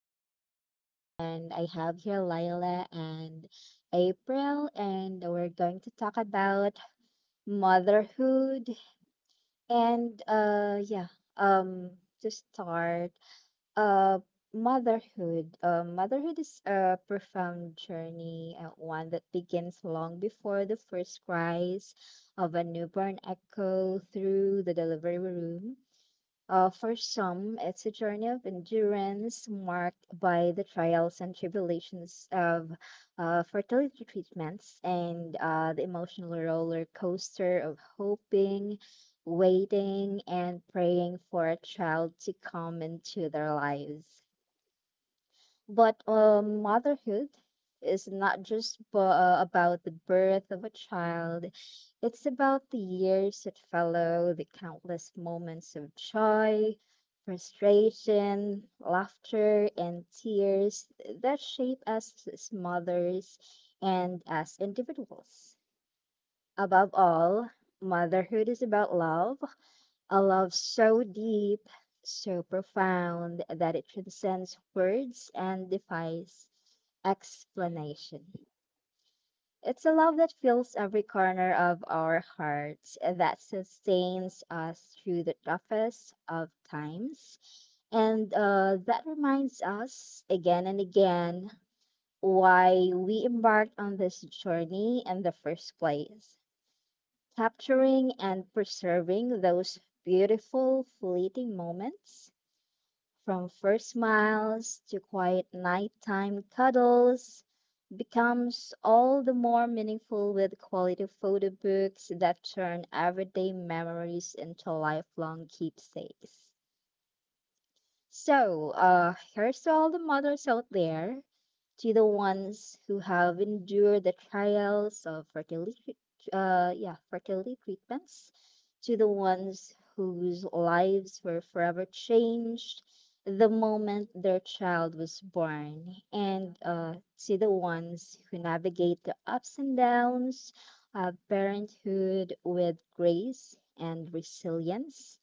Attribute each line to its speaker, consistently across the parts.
Speaker 1: is Jane, and I have here Lila and April, and we're going to talk about motherhood. And uh, yeah, um, to start, uh, motherhood. Motherhood is a profound journey, one that begins long before the first cries of a newborn echo through the delivery room. For some, it's a journey of endurance marked by the trials and tribulations of fertility treatments, and the emotional roller coaster of hoping, waiting, and praying for a child to come into their lives. But motherhood is not just about the birth of a child. It's about the years that follow, the countless moments of joy, frustration, laughter, and tears that shape us as mothers and as individuals. Above all, motherhood is about love, a love so deep, so profound that it transcends words and defies explanation. It's a love that fills every corner of our hearts, that sustains us through the toughest of times, and that reminds us again and again why we embarked on this journey in the first place. Capturing and preserving those beautiful fleeting moments from first smiles to quiet nighttime cuddles becomes all the more meaningful with quality photo books that turn everyday memories into lifelong keepsakes. So, here's to all the mothers out there, to the ones who have endured the trials of fertility, yeah, fertility treatments, to the ones whose lives were forever changed the moment their child was born, and to the ones who navigate the ups and downs of parenthood with grace and resilience.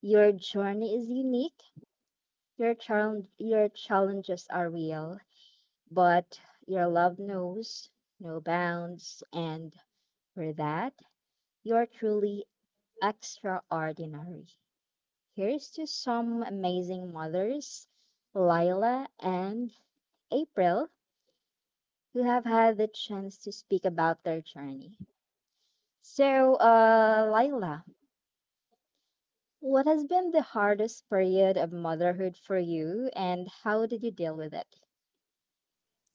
Speaker 1: Your journey is unique. Your challenges are real, but your love knows no bounds, and for that, you are truly extraordinary. Here's to some amazing mothers, Lila and April, who have had the chance to speak about their journey. So, Lila, what has been the hardest period of motherhood for you, and how did you deal with it?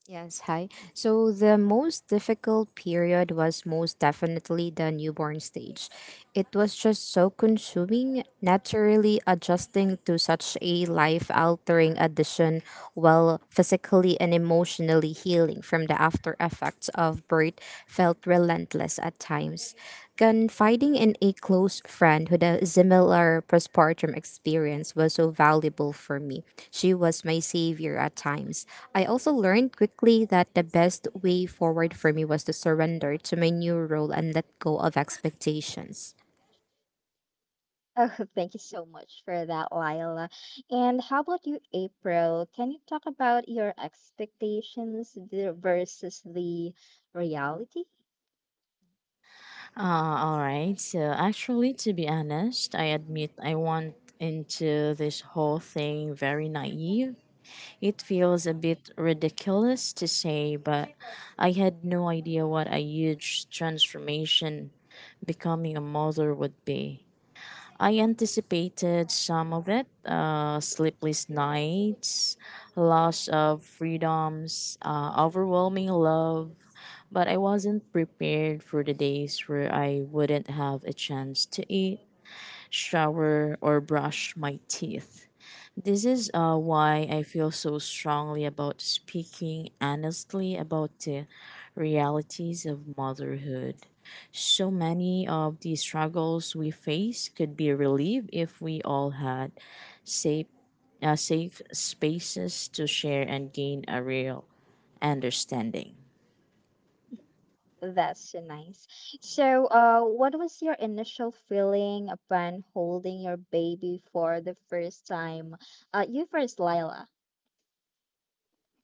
Speaker 2: Yes, hi. So the most difficult period was most definitely the newborn stage. It was just so consuming, naturally adjusting to such a life altering addition while physically and emotionally healing from the after effects of birth felt relentless at times. Confiding in a close friend with a similar postpartum experience was so valuable for me. She was my savior at times. I also learned quickly that the best way forward for me was to surrender to my new role and let go of expectations.
Speaker 1: Oh, thank you so much for that, Lila. And how about you, April? Can you talk about your versus the reality?
Speaker 3: All right. So actually, to be honest, I admit I went into this whole thing very naive. It feels a bit ridiculous to say, but I had no idea what a huge transformation becoming a mother would be. I anticipated some of it: sleepless nights, loss of freedoms, overwhelming love, but I wasn't prepared for the days where I wouldn't have a chance to eat, shower, or brush my teeth. This is why I feel so strongly about speaking honestly about the realities of motherhood. So many of the struggles we face could be relieved if we all had safe, safe spaces to share and gain a real understanding.
Speaker 1: That's so nice. So, what was your initial feeling upon holding your baby for the first time? You first, Lila.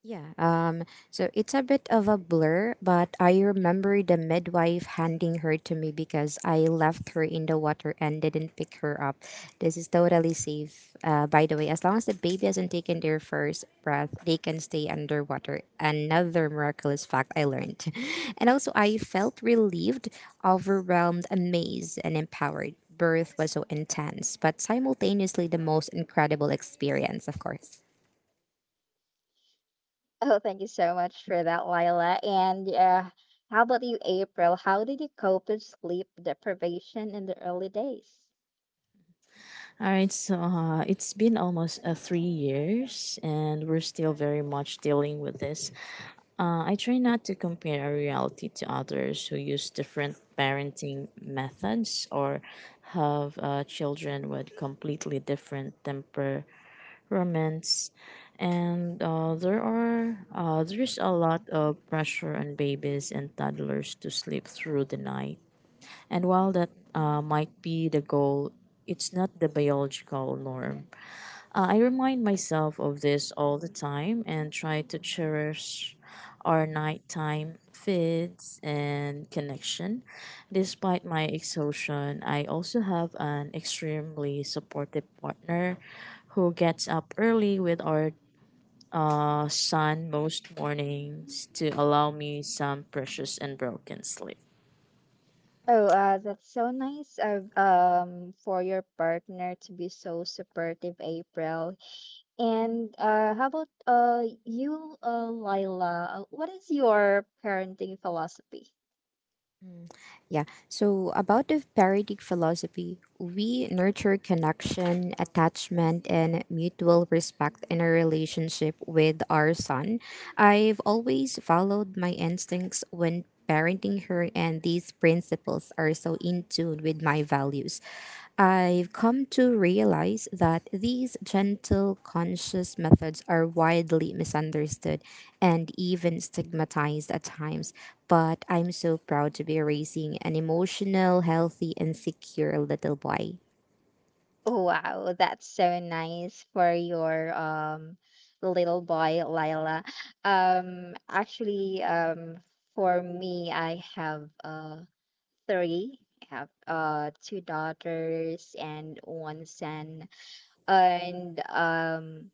Speaker 2: Yeah, um, so it's a bit of a blur, but I remember the midwife handing her to me because I left her in the water and didn't pick her up. This is totally safe, by the way. As long as the baby hasn't taken their first breath, they can stay underwater. Another miraculous fact I learned. And also, I felt relieved, overwhelmed, amazed, and empowered. Birth was so intense, but simultaneously the most incredible experience, of course.
Speaker 1: Oh, thank you so much for that, Lila. And how about you, April? How did you cope with sleep deprivation in the early days?
Speaker 3: All right, so It's been almost 3 years, and we're still very much dealing with this. I try not to compare our reality to others who use different parenting methods or have children with completely different temperaments. And there are there's a lot of pressure on babies and toddlers to sleep through the night. And while that might be the goal, it's not the biological norm. I remind myself of this all the time and try to cherish our nighttime feeds and connection. Despite my exhaustion, I also have an extremely supportive partner who gets up early with our son most mornings to allow me some precious and broken sleep.
Speaker 1: Oh, that's so nice of for your partner to be so supportive, April. And how about you, Lila? What is your parenting philosophy?
Speaker 2: Yeah. So about the Paradic philosophy, we nurture connection, attachment, and mutual respect in a relationship with our son. I've always followed my instincts when parenting her, and these principles are so in tune with my values. I've come to realize that these gentle, conscious methods are widely misunderstood and even stigmatized at times. But I'm so proud to be raising an emotional, healthy, and secure little boy.
Speaker 1: Wow, that's so nice for your little boy, Lila. Actually, for me, I have three. I have two daughters and one son. And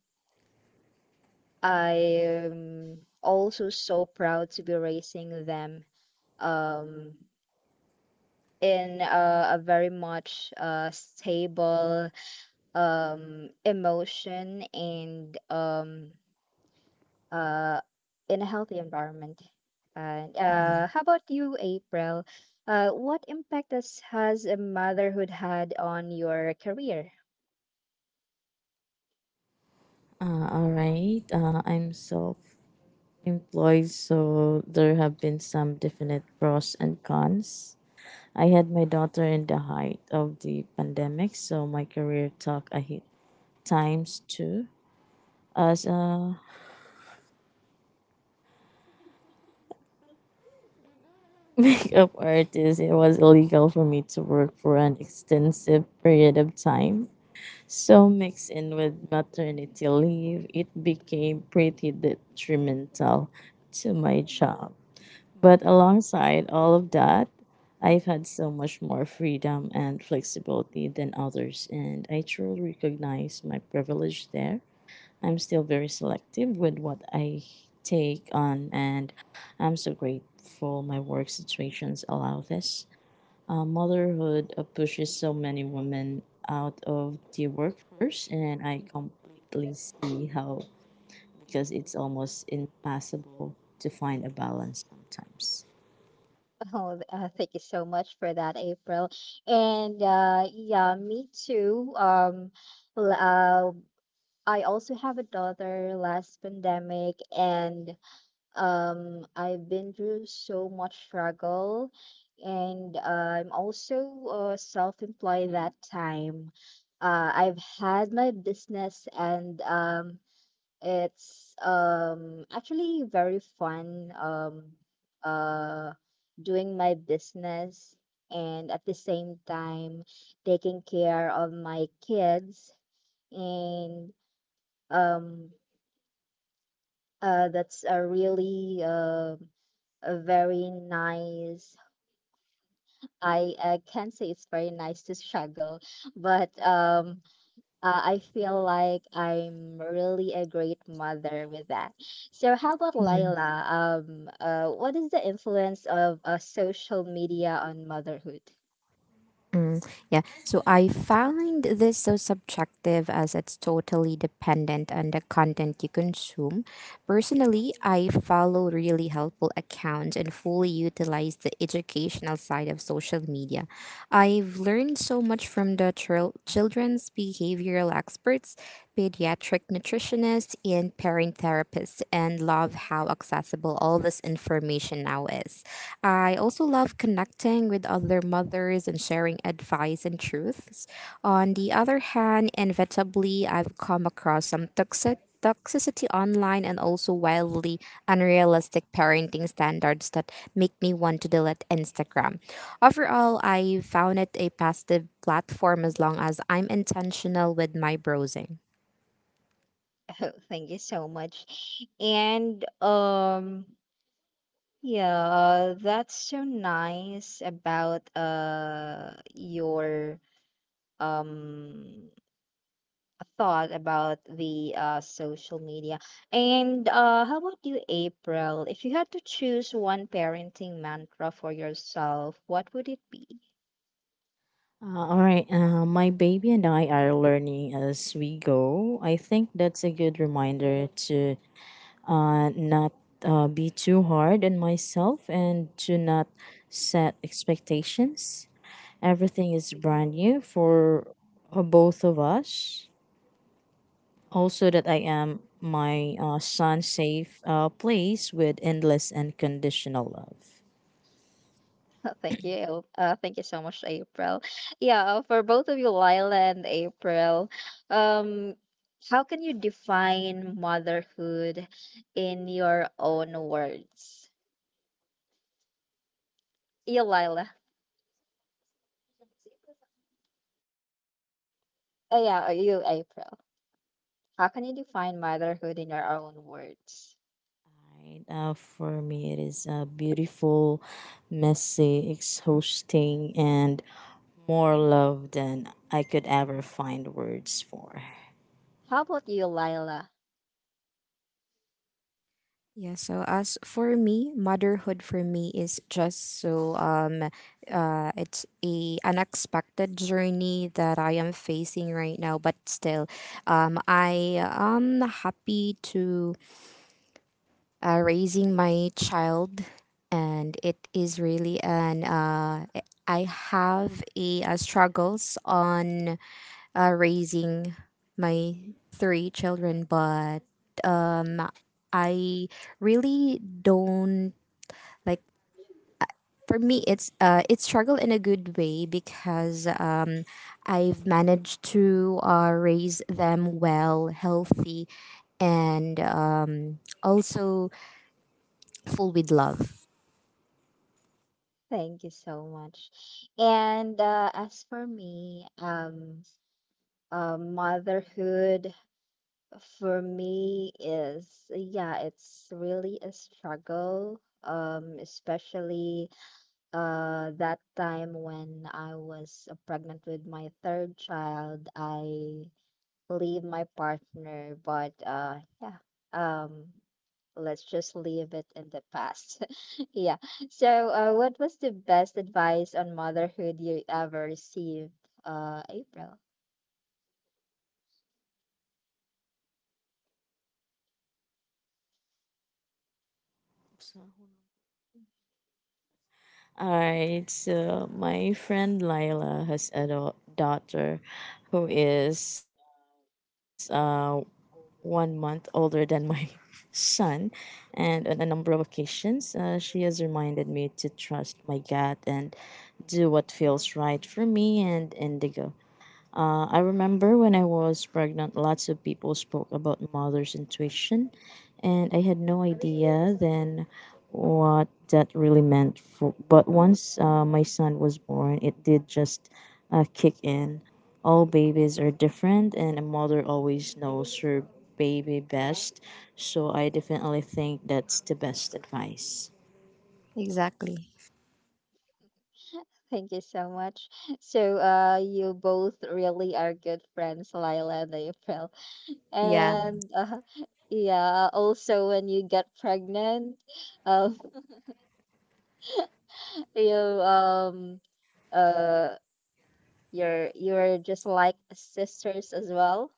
Speaker 1: I'm also so proud to be raising them um, in a very much stable emotion and uh, in a healthy environment. And how about you, April? What has a motherhood had on your career?
Speaker 3: All right. I'm self employed, so there have been some definite pros and cons. I had my daughter in the height of the pandemic, so my career took a hit times two. As a makeup artist, it was illegal for me to work for an extensive period of time. So, mixed in with maternity leave, it became pretty detrimental to my job. But alongside all of that, I've had so much more freedom and flexibility than others, and I truly recognize my privilege there. I'm still very selective with what I take on, and I'm so grateful my work situations allow this. Motherhood pushes so many women out of the workforce, and I completely see how, because it's almost impossible to find a balance sometimes.
Speaker 1: Oh, thank you so much for that, April. And yeah, me too. L- uh, I also have a daughter last pandemic, and I've been through so much struggle, and I'm also self-employed that time. I've had my business, and it's actually very fun uh doing my business and at the same time taking care of my kids and um that's a really a very nice I can't say it's very nice to struggle, but I feel like I'm really a great mother with that. So, how about Laila? What is the influence of social media on motherhood?
Speaker 2: Yeah. So I found this so subjective as it's totally dependent on the content you consume. Personally, I follow really helpful accounts and fully utilize the educational side of social media. I've learned so much from the children's behavioral experts, pediatric nutritionists, and parent therapists, and love how accessible all this information now is. I also love connecting with other mothers and sharing advice and truths. On the other hand, inevitably, I've come across some toxicity online, and also wildly unrealistic parenting standards that make me want to delete Instagram. Overall, I found it a positive platform as long as I'm intentional with my browsing.
Speaker 1: Oh, thank you so much. And yeah, that's so nice about your um thought about the social media. And how about you, April? If you had to choose one parenting mantra for yourself, what would it be?
Speaker 3: My baby and I are learning as we go. I think that's a good reminder to not be too hard on myself and to not set expectations. Everything is brand new for both of us. Also, that I am my son's safe place with endless and conditional love.
Speaker 1: Thank you. Thank you so much, April. Yeah, for both of you, Lila and April, um, how can you define motherhood in your own words? You, Lila. Oh, yeah, you, April. How can you define motherhood in your own words?
Speaker 3: Right, for me, it is a beautiful, messy, exhausting, and more love than I could ever find words for.
Speaker 1: How about you, Lila?
Speaker 2: Yeah, so as for me, motherhood for me is just so it's a unexpected journey that I am facing right now, but still I am happy to raising my child, and it is really an I have a struggles on raising my three children, but I really don't like, for me it's it's struggle in a good way, because I've managed to raise them well, healthy, and also full with love.
Speaker 1: Thank you so much. And as for me, motherhood for me is, yeah, it's really a struggle, especially that time when I was pregnant with my third child. I leave my partner, but yeah, um, let's just leave it in the past. Yeah. So, what was the best advice on motherhood you ever received, April?
Speaker 3: So Alright, so my friend Lila has a daughter who is 1 month older than my son, and on a number of occasions, she has reminded me to trust my gut and do what feels right for me and Indigo. I remember when I was pregnant, lots of people spoke about mother's intuition, and I had no idea then what that really meant. For, but once my son was born, it did just kick in. All babies are different, and a mother always knows her baby best, so I definitely think that's the best advice.
Speaker 2: Exactly.
Speaker 1: Thank you so much. So, you both really are good friends, Lila and April.
Speaker 2: Yeah,
Speaker 1: And yeah, also when you get pregnant, um, you um uh you're just like sisters as well.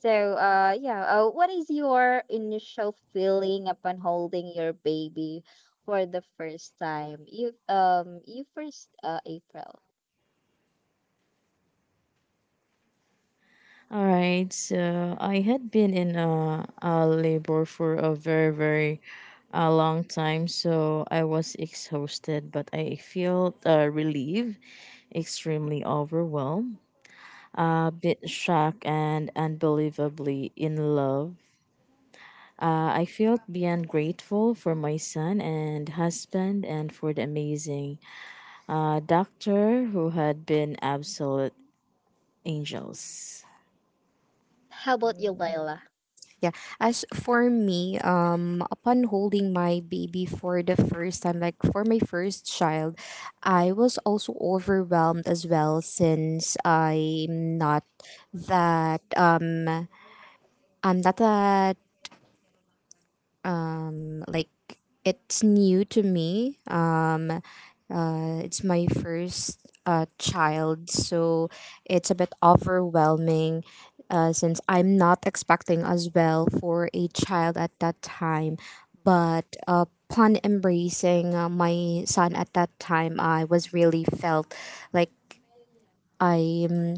Speaker 1: So, what is your initial feeling upon holding your baby for the first time? You first, April.
Speaker 3: All right. So I had been in a labor for a very, very long time. So I was exhausted, but I felt relieved, extremely overwhelmed, a bit shocked, and unbelievably in love. I felt beyond grateful for my son and husband and for the amazing doctor who had been absolute angels.
Speaker 1: How about you, Layla?
Speaker 2: yeah. As for me, upon holding my baby for the first time, like for my first child, I was also overwhelmed as well since that uh, I'm not that. Like, it's new to me. It's my first child, so it's a bit overwhelming, since I'm not expecting as well for a child at that time. But upon embracing my son at that time, I was really felt like. I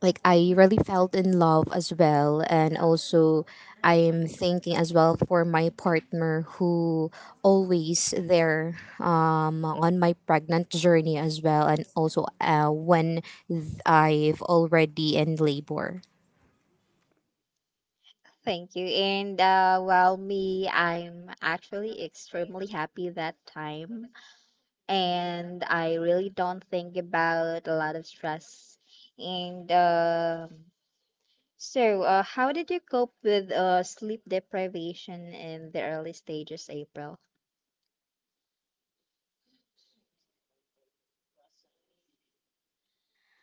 Speaker 2: like, I really felt in love as well, and also I am thinking as well for my partner, who always there, on my pregnant journey as well, and also when I've already in labor.
Speaker 1: Thank you. And well, me, I'm actually extremely happy that time, and I really don't think about a lot of stress. And so, how did you cope with sleep deprivation in the early stages, April?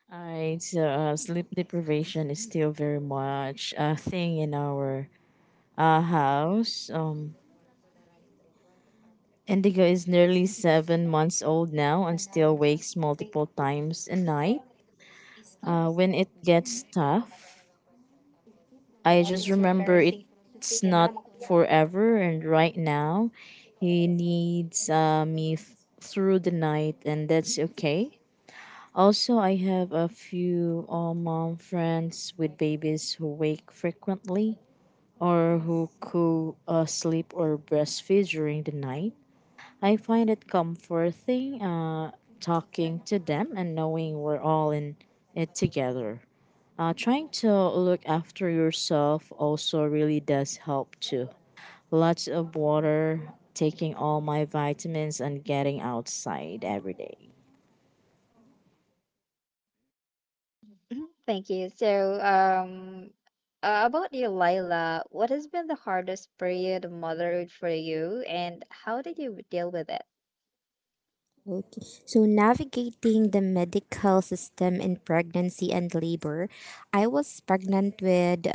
Speaker 3: All right, so Sleep deprivation is still very much a thing in our house. Indigo is nearly 7 months old now and still wakes multiple times a night. When it gets tough, I just remember it's not forever, and right now, he needs me through the night, and that's okay. Also, I have a few mom friends with babies who wake frequently or who co sleep or breastfeed during the night. I find it comforting talking to them and knowing we're all in it together. Trying to look after yourself also really does help too. Lots of water, taking all my vitamins, and getting outside every day.
Speaker 1: Mhm, thank you. So, about you, Lila, what has been the hardest period of motherhood for you, and how did you deal with it?
Speaker 2: Okay. So navigating the medical system in pregnancy and labor, I was pregnant with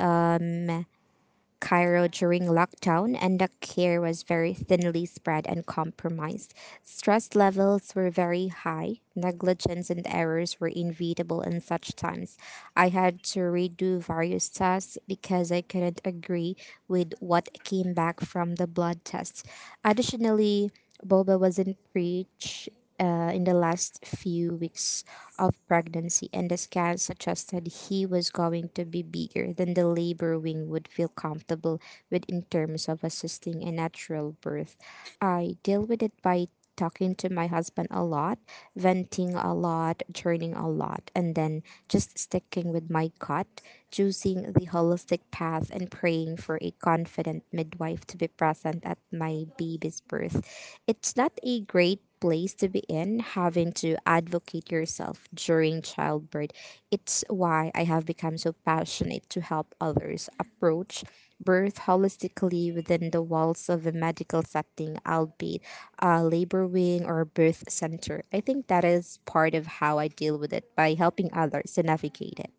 Speaker 2: Cairo during lockdown, and the care was very thinly spread and compromised. Stress levels were very high, negligence and errors were inevitable in such times. I had to redo various tests because I couldn't agree with what came back from the blood test. Additionally, Boba wasn't preached in the last few weeks of pregnancy, and the scan suggested he was going to be bigger than the labor wing would feel comfortable with in terms of assisting a natural birth. I deal with it by talking to my husband a lot, venting a lot, churning a lot, and then just sticking with my gut, choosing the holistic path, and praying for a confident midwife to be present at my baby's birth. It's not a great place to be in, having to advocate yourself during childbirth. It's why I have become so passionate to help others approach birth holistically within the walls of a medical setting, albeit a labor wing or a birth center. I think that is part of how I deal with it, by helping others to navigate it.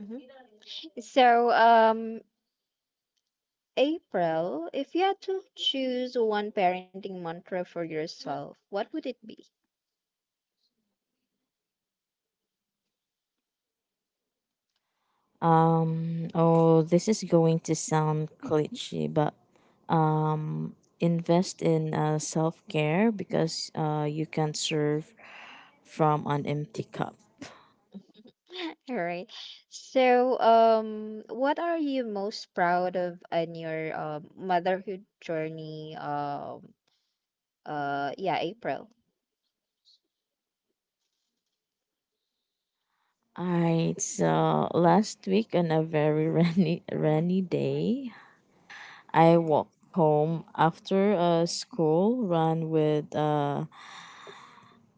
Speaker 1: Mhm. So, April, if you had to choose one parenting mantra for yourself, what would it be?
Speaker 3: Oh, this is going to sound cliche, but invest in self care because you can serve from an empty cup.
Speaker 1: All right. So, what are you most proud of in your motherhood journey? Yeah, April.
Speaker 3: Alright, so last week on a very rainy, rainy day, I walked home after a school run with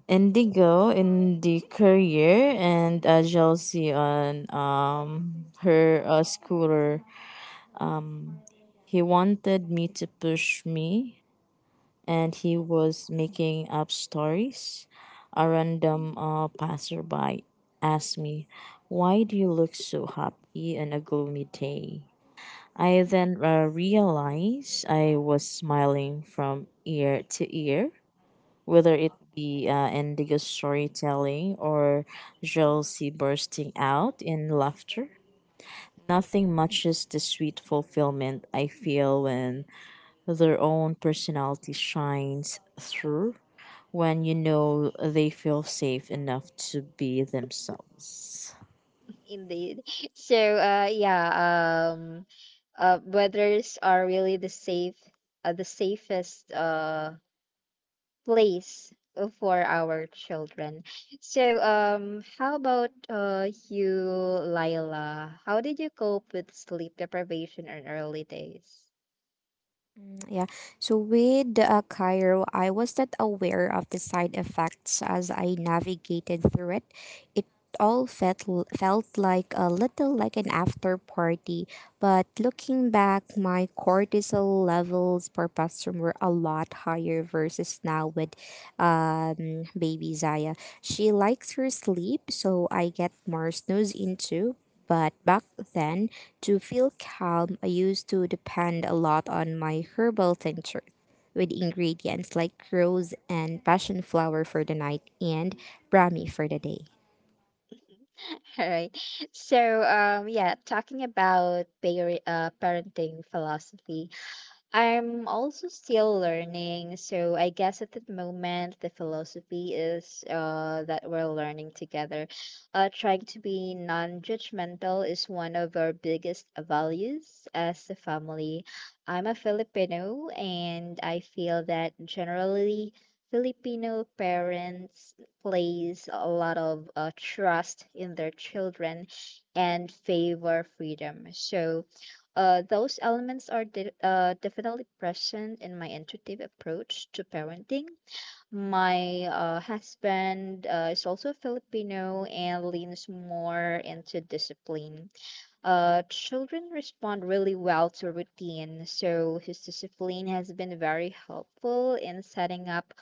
Speaker 3: Indigo in the courier and Chelsea on her scooter. He wanted me to push me, and he was making up stories. A random passerby asked me, "Why do you look so happy on a gloomy day?" I then realized I was smiling from ear to ear, whether it be indigo storytelling or jealousy bursting out in laughter. Nothing matches the sweet fulfillment I feel when their own personality shines through, when you know they feel safe enough to be themselves.
Speaker 1: Indeed. So, um, brothers are really the safe, the safest place for our children. So, how about you, Lila? How did you cope with sleep deprivation in early days?
Speaker 2: Yeah. So with Cairo, I was not aware of the side effects as I navigated through it. It all felt felt like a little like an after party, but looking back, my cortisol levels per person were a lot higher versus now with baby Zaya. She likes her sleep, so I get more snooze into. But back then, to feel calm, I used to depend a lot on my herbal tincture with ingredients like rose and passion flower for the night, and brahmi for the day.
Speaker 1: All right. So, talking about parenting philosophy. I'm also still learning, so I guess at the moment the philosophy is that we're learning together. Trying to be non judgmental is one of our biggest values as a family. I'm a Filipino, and I feel that generally Filipino parents place a lot of trust in their children and favor freedom. So, those elements are definitely present in my intuitive approach to parenting. My husband is also Filipino and leans more into discipline. Children respond really well to routine, so his discipline has been very helpful in setting up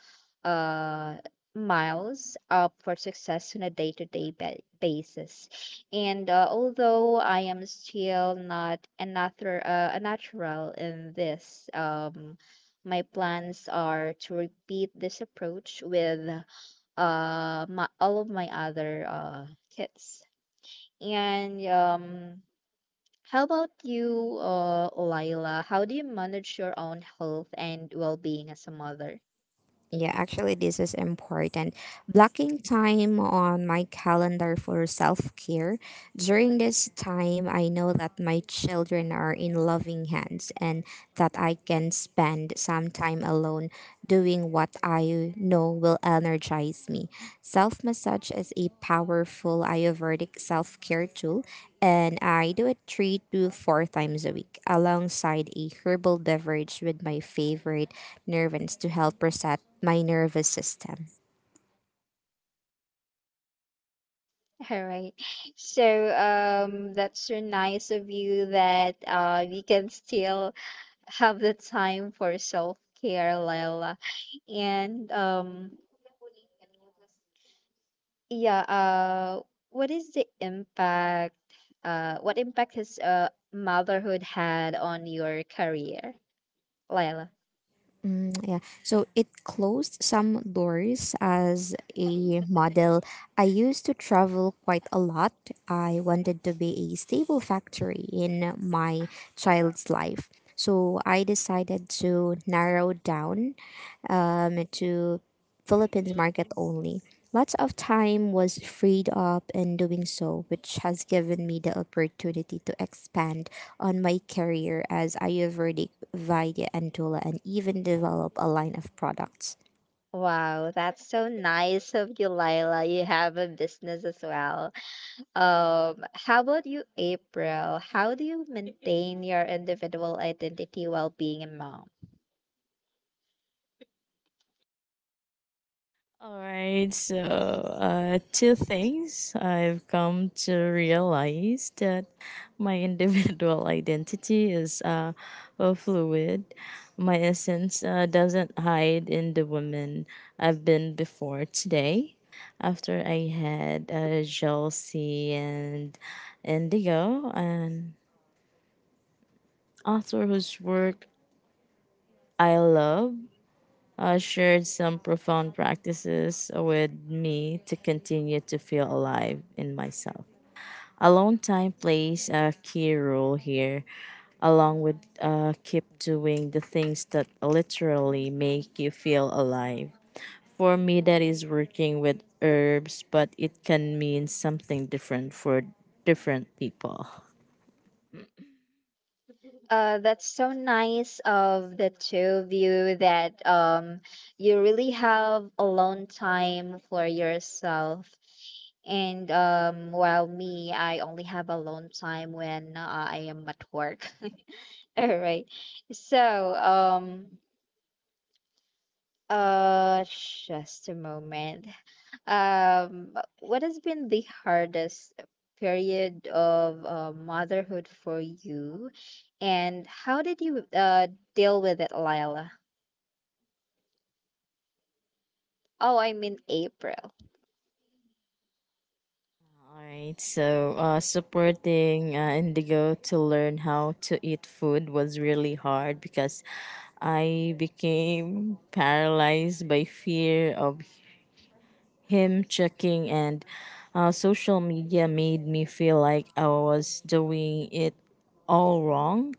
Speaker 1: uh, Miles up for success on a day to day basis. And although I am still not a natural in this, my plans are to repeat this approach with all of my other kids. And how about you, Lila? How do you manage your own health and well-being as a mother?
Speaker 2: Yeah, actually, this is important. Blocking time on my calendar for self care. During this time, I know that my children are in loving hands and that I can spend some time alone doing what I know will energize me. Self massage is a powerful Ayurvedic self care tool, and I do it 3 to 4 times a week alongside a herbal beverage with my favorite nervines to help reset my nervous system.
Speaker 1: All right. So that's so nice of you that you can still have the time for self-care, Lila. And yeah, what is the impact what impact has motherhood had on your career, Lila?
Speaker 2: Mm, yeah. So it closed some doors as a model. I used to travel quite a lot. I wanted to be a stable factor in my child's life. So I decided to narrow down to Philippines market only. Lots of time was freed up in doing so, which has given me the opportunity to expand on my career as Ayurvedic, Vaidya, and doula, and even develop a line of products.
Speaker 1: Wow, that's so nice of you, Lila. You have a business as well. How about you, April? How do you maintain your individual identity while being a mom?
Speaker 3: All right, so two things I've come to realize that my individual identity is fluid. My essence doesn't hide in the woman I've been before today. After I had jealousy and indigo, an author whose work I love shared some profound practices with me to continue to feel alive in myself. Alone time plays a key role here, along with keep doing the things that literally make you feel alive. For me, that is working with herbs, but it can mean something different for different people.
Speaker 1: That's so nice of the two of you that you really have alone time for yourself. And while me, I only have alone time when I am at work. All right. So, Uh, just a moment. Um, what has been the hardest period of motherhood for you, and how did you deal with it, Lila? Oh, I mean April.
Speaker 3: Alright, so supporting Indigo to learn how to eat food was really hard because I became paralyzed by fear of him checking, and social media made me feel like I was doing it all wrong.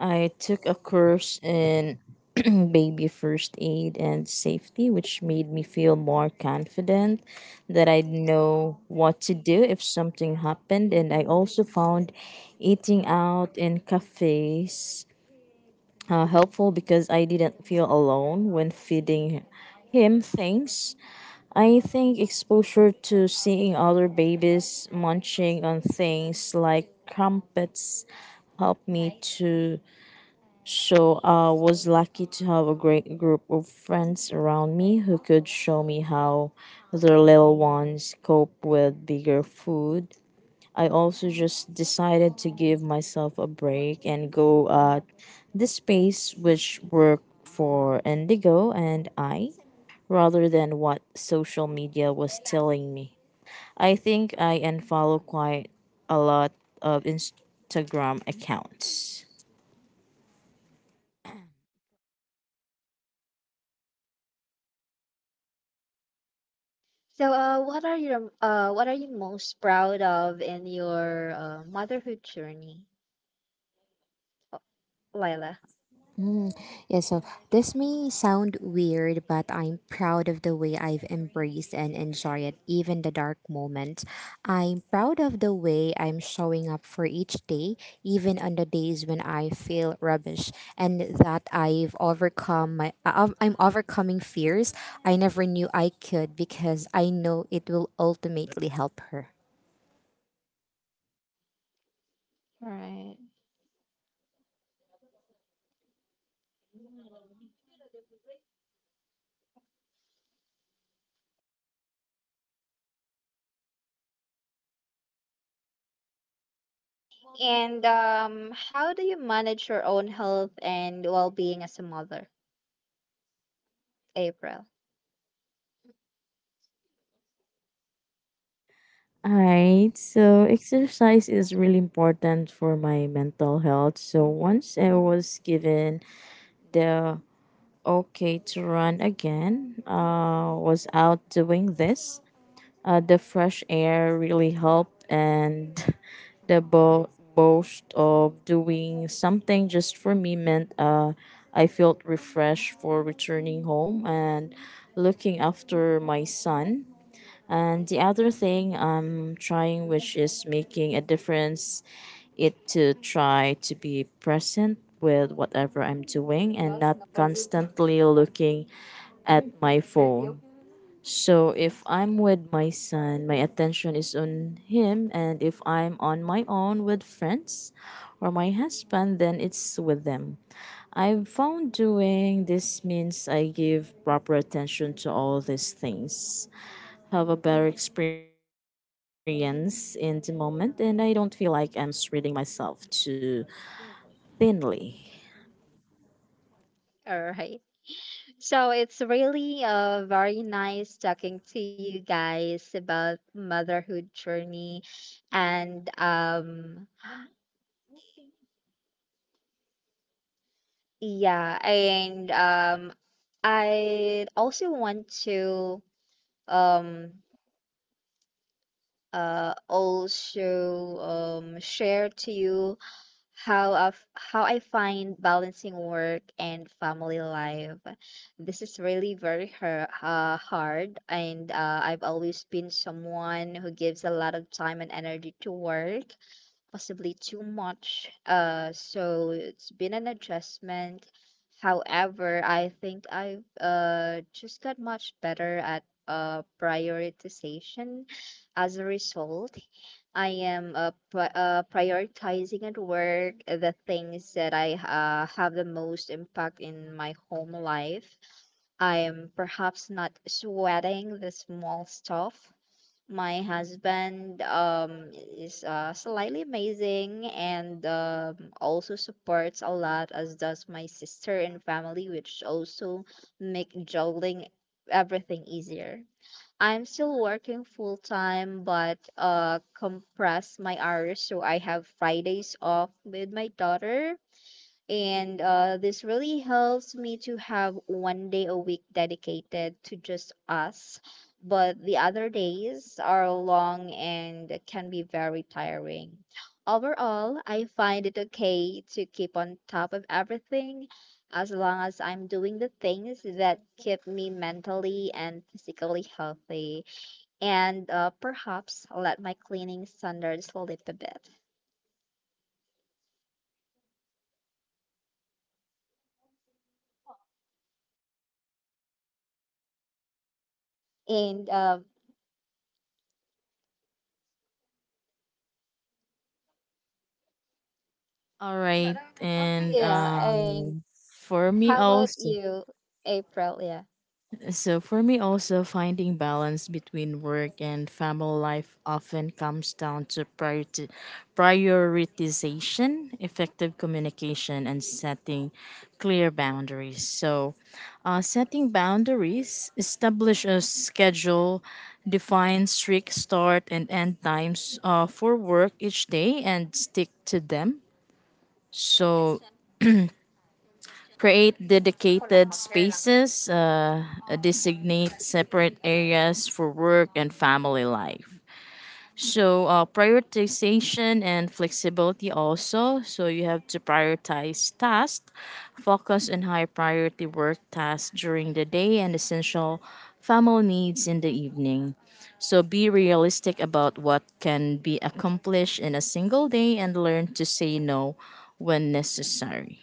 Speaker 3: I took a course in baby first aid and safety, which made me feel more confident that I'd know what to do if something happened. And I also found eating out in cafes helpful because I didn't feel alone when feeding him things. I think exposure to seeing other babies munching on things like crumpets helped me to, so I was lucky to have a great group of friends around me who could show me how their little ones cope with bigger food. I also just decided to give myself a break and go at the space which worked for Indigo and I rather than what social media was telling me. I think I unfollow quite a lot of Instagram accounts.
Speaker 1: So, what are you most proud of in your motherhood journey, Lila?
Speaker 2: Mm, yeah, so this may sound weird, but I'm proud of the way I've embraced and enjoyed it, even the dark moments. I'm proud of the way I'm showing up for each day, even on the days when I feel rubbish, and that I've overcome my I'm overcoming fears I never knew I could, because I know it will ultimately help her.
Speaker 1: Right. And how do you manage your own health and well-being as a mother, April?
Speaker 3: Alright, so exercise is really important for my mental health. So once I was given the okay to run again, was out doing this. The fresh air really helped, and the boast of doing something just for me meant I felt refreshed for returning home and looking after my son. And the other thing I'm trying, which is making a difference, it to try to be present with whatever I'm doing and not constantly looking at my phone. So if I'm with my son, my attention is on him, and if I'm on my own with friends or my husband, then it's with them. I've found doing this means I give proper attention to all these things, have a better experience in the moment, and I don't feel like I'm spreading myself too thinly.
Speaker 1: All right. So it's really very nice talking to you guys about motherhood journey and yeah, and I also want to um also share to you how I find balancing work and family life. This is really very hard, and I've always been someone who gives a lot of time and energy to work, possibly too much. So it's been an adjustment. However, I think I've just got much better at prioritization as a result. I am prioritizing at work the things that I have the most impact in my home life. I am perhaps not sweating the small stuff. My husband is slightly amazing and also supports a lot, as does my sister and family, which also make juggling everything easier. I'm still working full time, but compress my hours so I have Fridays off with my daughter. And this really helps me to have one day a week dedicated to just us. But the other days are long and can be very tiring. Overall, I find it okay to keep on top of everything as long as I'm doing the things that keep me mentally and physically healthy and perhaps let my cleaning standards slip a bit. And um,
Speaker 3: All right, and
Speaker 1: yeah, and
Speaker 3: for me
Speaker 1: how about
Speaker 3: also,
Speaker 1: you, April? Yeah,
Speaker 3: So for me also, finding balance between work and family life often comes down to prioritization, effective communication and setting clear boundaries. So setting boundaries, establish a schedule, define strict start and end times for work each day and stick to them. So create dedicated spaces, designate separate areas for work and family life. So, prioritization and flexibility also. So, you have to prioritize tasks, focus on high priority work tasks during the day and essential family needs in the evening. So, be realistic about what can be accomplished in a single day and learn to say no when necessary.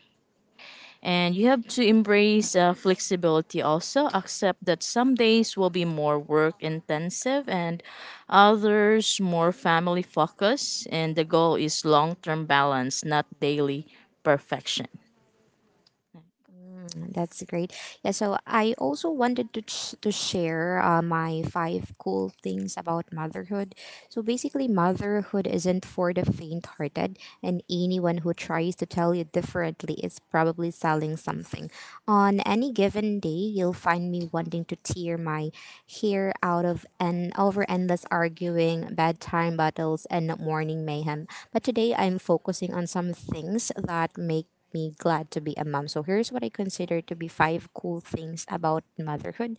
Speaker 3: And you have to embrace flexibility also. Accept that some days will be more work intensive and others more family focused. And the goal is long term balance, not daily perfection.
Speaker 2: Mm, that's great. Yeah, so I also wanted to to share my 5 cool things about motherhood. So basically, motherhood isn't for the faint-hearted, and anyone who tries to tell you differently is probably selling something. On any given day, you'll find me wanting to tear my hair out of and over endless arguing, bedtime battles, and morning mayhem. But today, I'm focusing on some things that make me glad to be a mom. So here's what I consider to be 5 cool things about motherhood.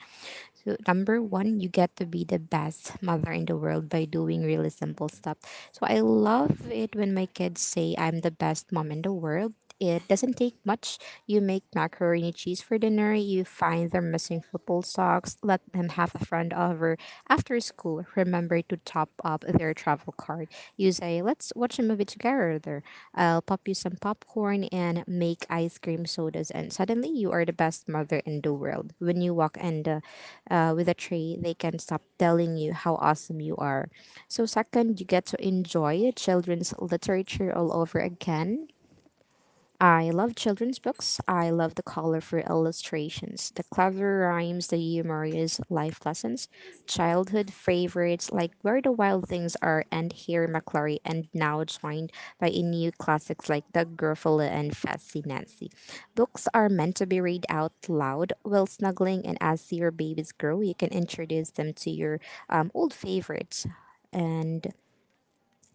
Speaker 2: So number 1, you get to be the best mother in the world by doing really simple stuff. So I love it when my kids say I'm the best mom in the world. It doesn't take much. You make macaroni cheese for dinner. You find their missing football socks. Let them have a friend over after school, remember to top up their travel card. You say, let's watch a movie together. I'll pop you some popcorn and make ice cream sodas. And suddenly, you are the best mother in the world. When you walk and with a tray, they can stop telling you how awesome you are. So, second, you get to enjoy children's literature all over again. I love children's books. I love the colorful illustrations, the clever rhymes, the humorous life lessons, childhood favorites like Where the Wild Things Are and Harry McClory, and now joined by a new classics like The Gruffalo and Fancy Nancy. Books are meant to be read out loud while snuggling, and as your babies grow, you can introduce them to your old favorites. And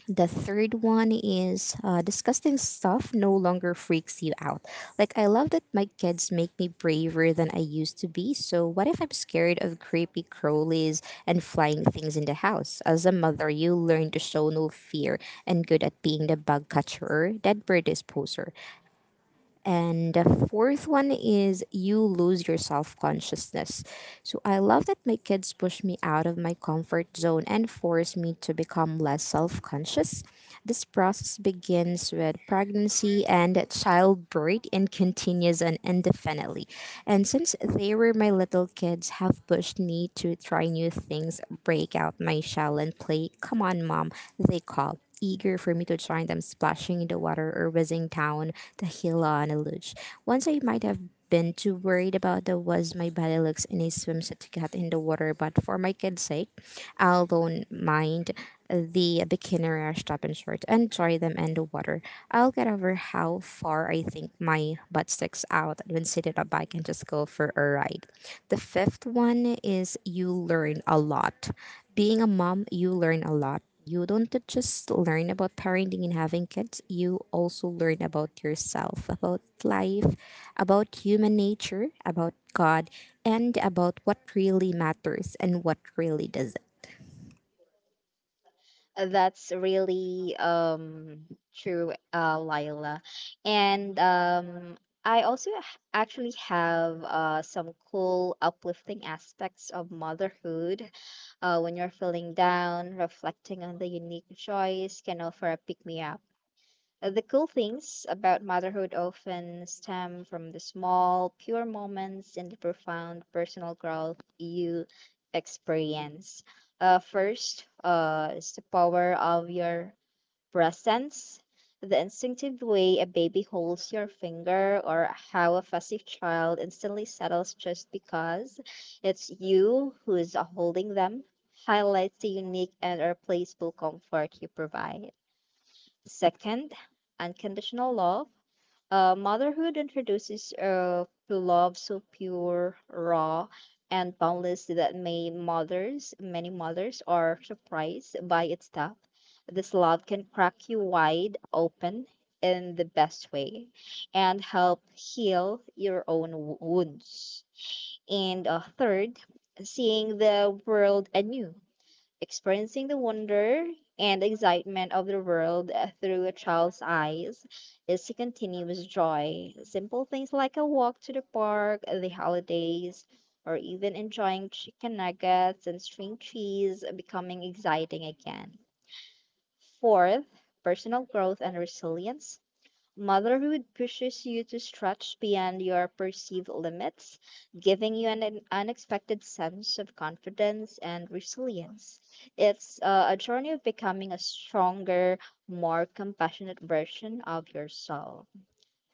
Speaker 2: the third one is, disgusting stuff no longer freaks you out. Like, I love that my kids make me braver than I used to be. So, what if I'm scared of creepy crawlies and flying things in the house? As a mother, you learn to show no fear and good at being the bug catcher, that bird disposer. And the fourth one is, you lose your self consciousness. So I love that my kids push me out of my comfort zone and force me to become less self conscious. This process begins with pregnancy and childbirth and continues on indefinitely. And since they were my little kids, have pushed me to try new things, break out my shell, and play. Come on, mom, they call, eager for me to join them splashing in the water or whizzing down the hill on a luge. Once I might have been too worried about the was my body looks in a swimsuit to get in the water, but for my kid's sake, I'll don't mind the beginner stop and short and try them in the water. I'll get over how far I think my butt sticks out when sitting on a bike and just go for a ride. The fifth one is, you learn a lot. Being a mom, you learn a lot. You don't just learn about parenting and having kids, you also learn about yourself, about life, about human nature, about God, and about what really matters and what really doesn't.
Speaker 1: that's really true, Lila. And I also actually have some cool uplifting aspects of motherhood. When you're feeling down, reflecting on the unique joys can offer a pick me up. The cool things about motherhood often stem from the small, pure moments and the profound personal growth you experience. First, is the power of your presence, the instinctive way a baby holds your finger, or how a fussy child instantly settles just because it's you who is holding them. Highlights the unique and irreplaceable comfort you provide. Second, unconditional love. Motherhood introduces to love so pure, raw, and boundless that many mothers are surprised by its depth. This love can crack you wide open in the best way and help heal your own wounds. And third, seeing the world anew. Experiencing the wonder and excitement of the world through a child's eyes is a continuous joy. Simple things like a walk to the park, the holidays, or even enjoying chicken nuggets and string cheese becoming exciting again. Fourth, personal growth and resilience. Motherhood pushes you to stretch beyond your perceived limits, giving you an unexpected sense of confidence and resilience. It's a journey of becoming a stronger, more compassionate version of yourself.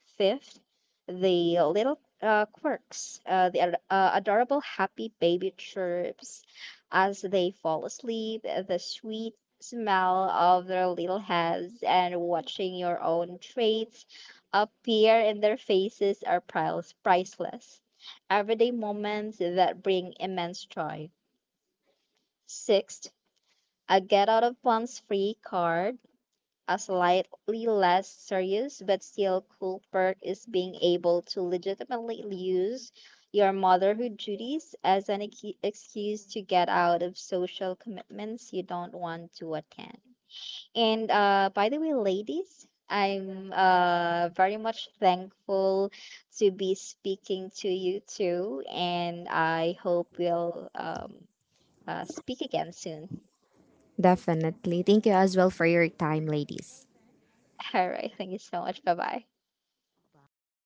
Speaker 1: Fifth, the little quirks, adorable happy baby chirps as they fall asleep, the sweet smell of their little heads, and watching your own traits appear in their faces are priceless. Everyday moments that bring immense joy. Sixth, a get out of one's free card, a slightly less serious but still cool perk is being able to legitimately use your motherhood duties as an excuse to get out of social commitments you don't want to attend. And by the way, ladies, I'm very much thankful to be speaking to you too, and I hope we'll speak again soon.
Speaker 2: Definitely. Thank you as well for your time, ladies.
Speaker 1: All right, thank you so much. Bye bye.
Speaker 3: Bye.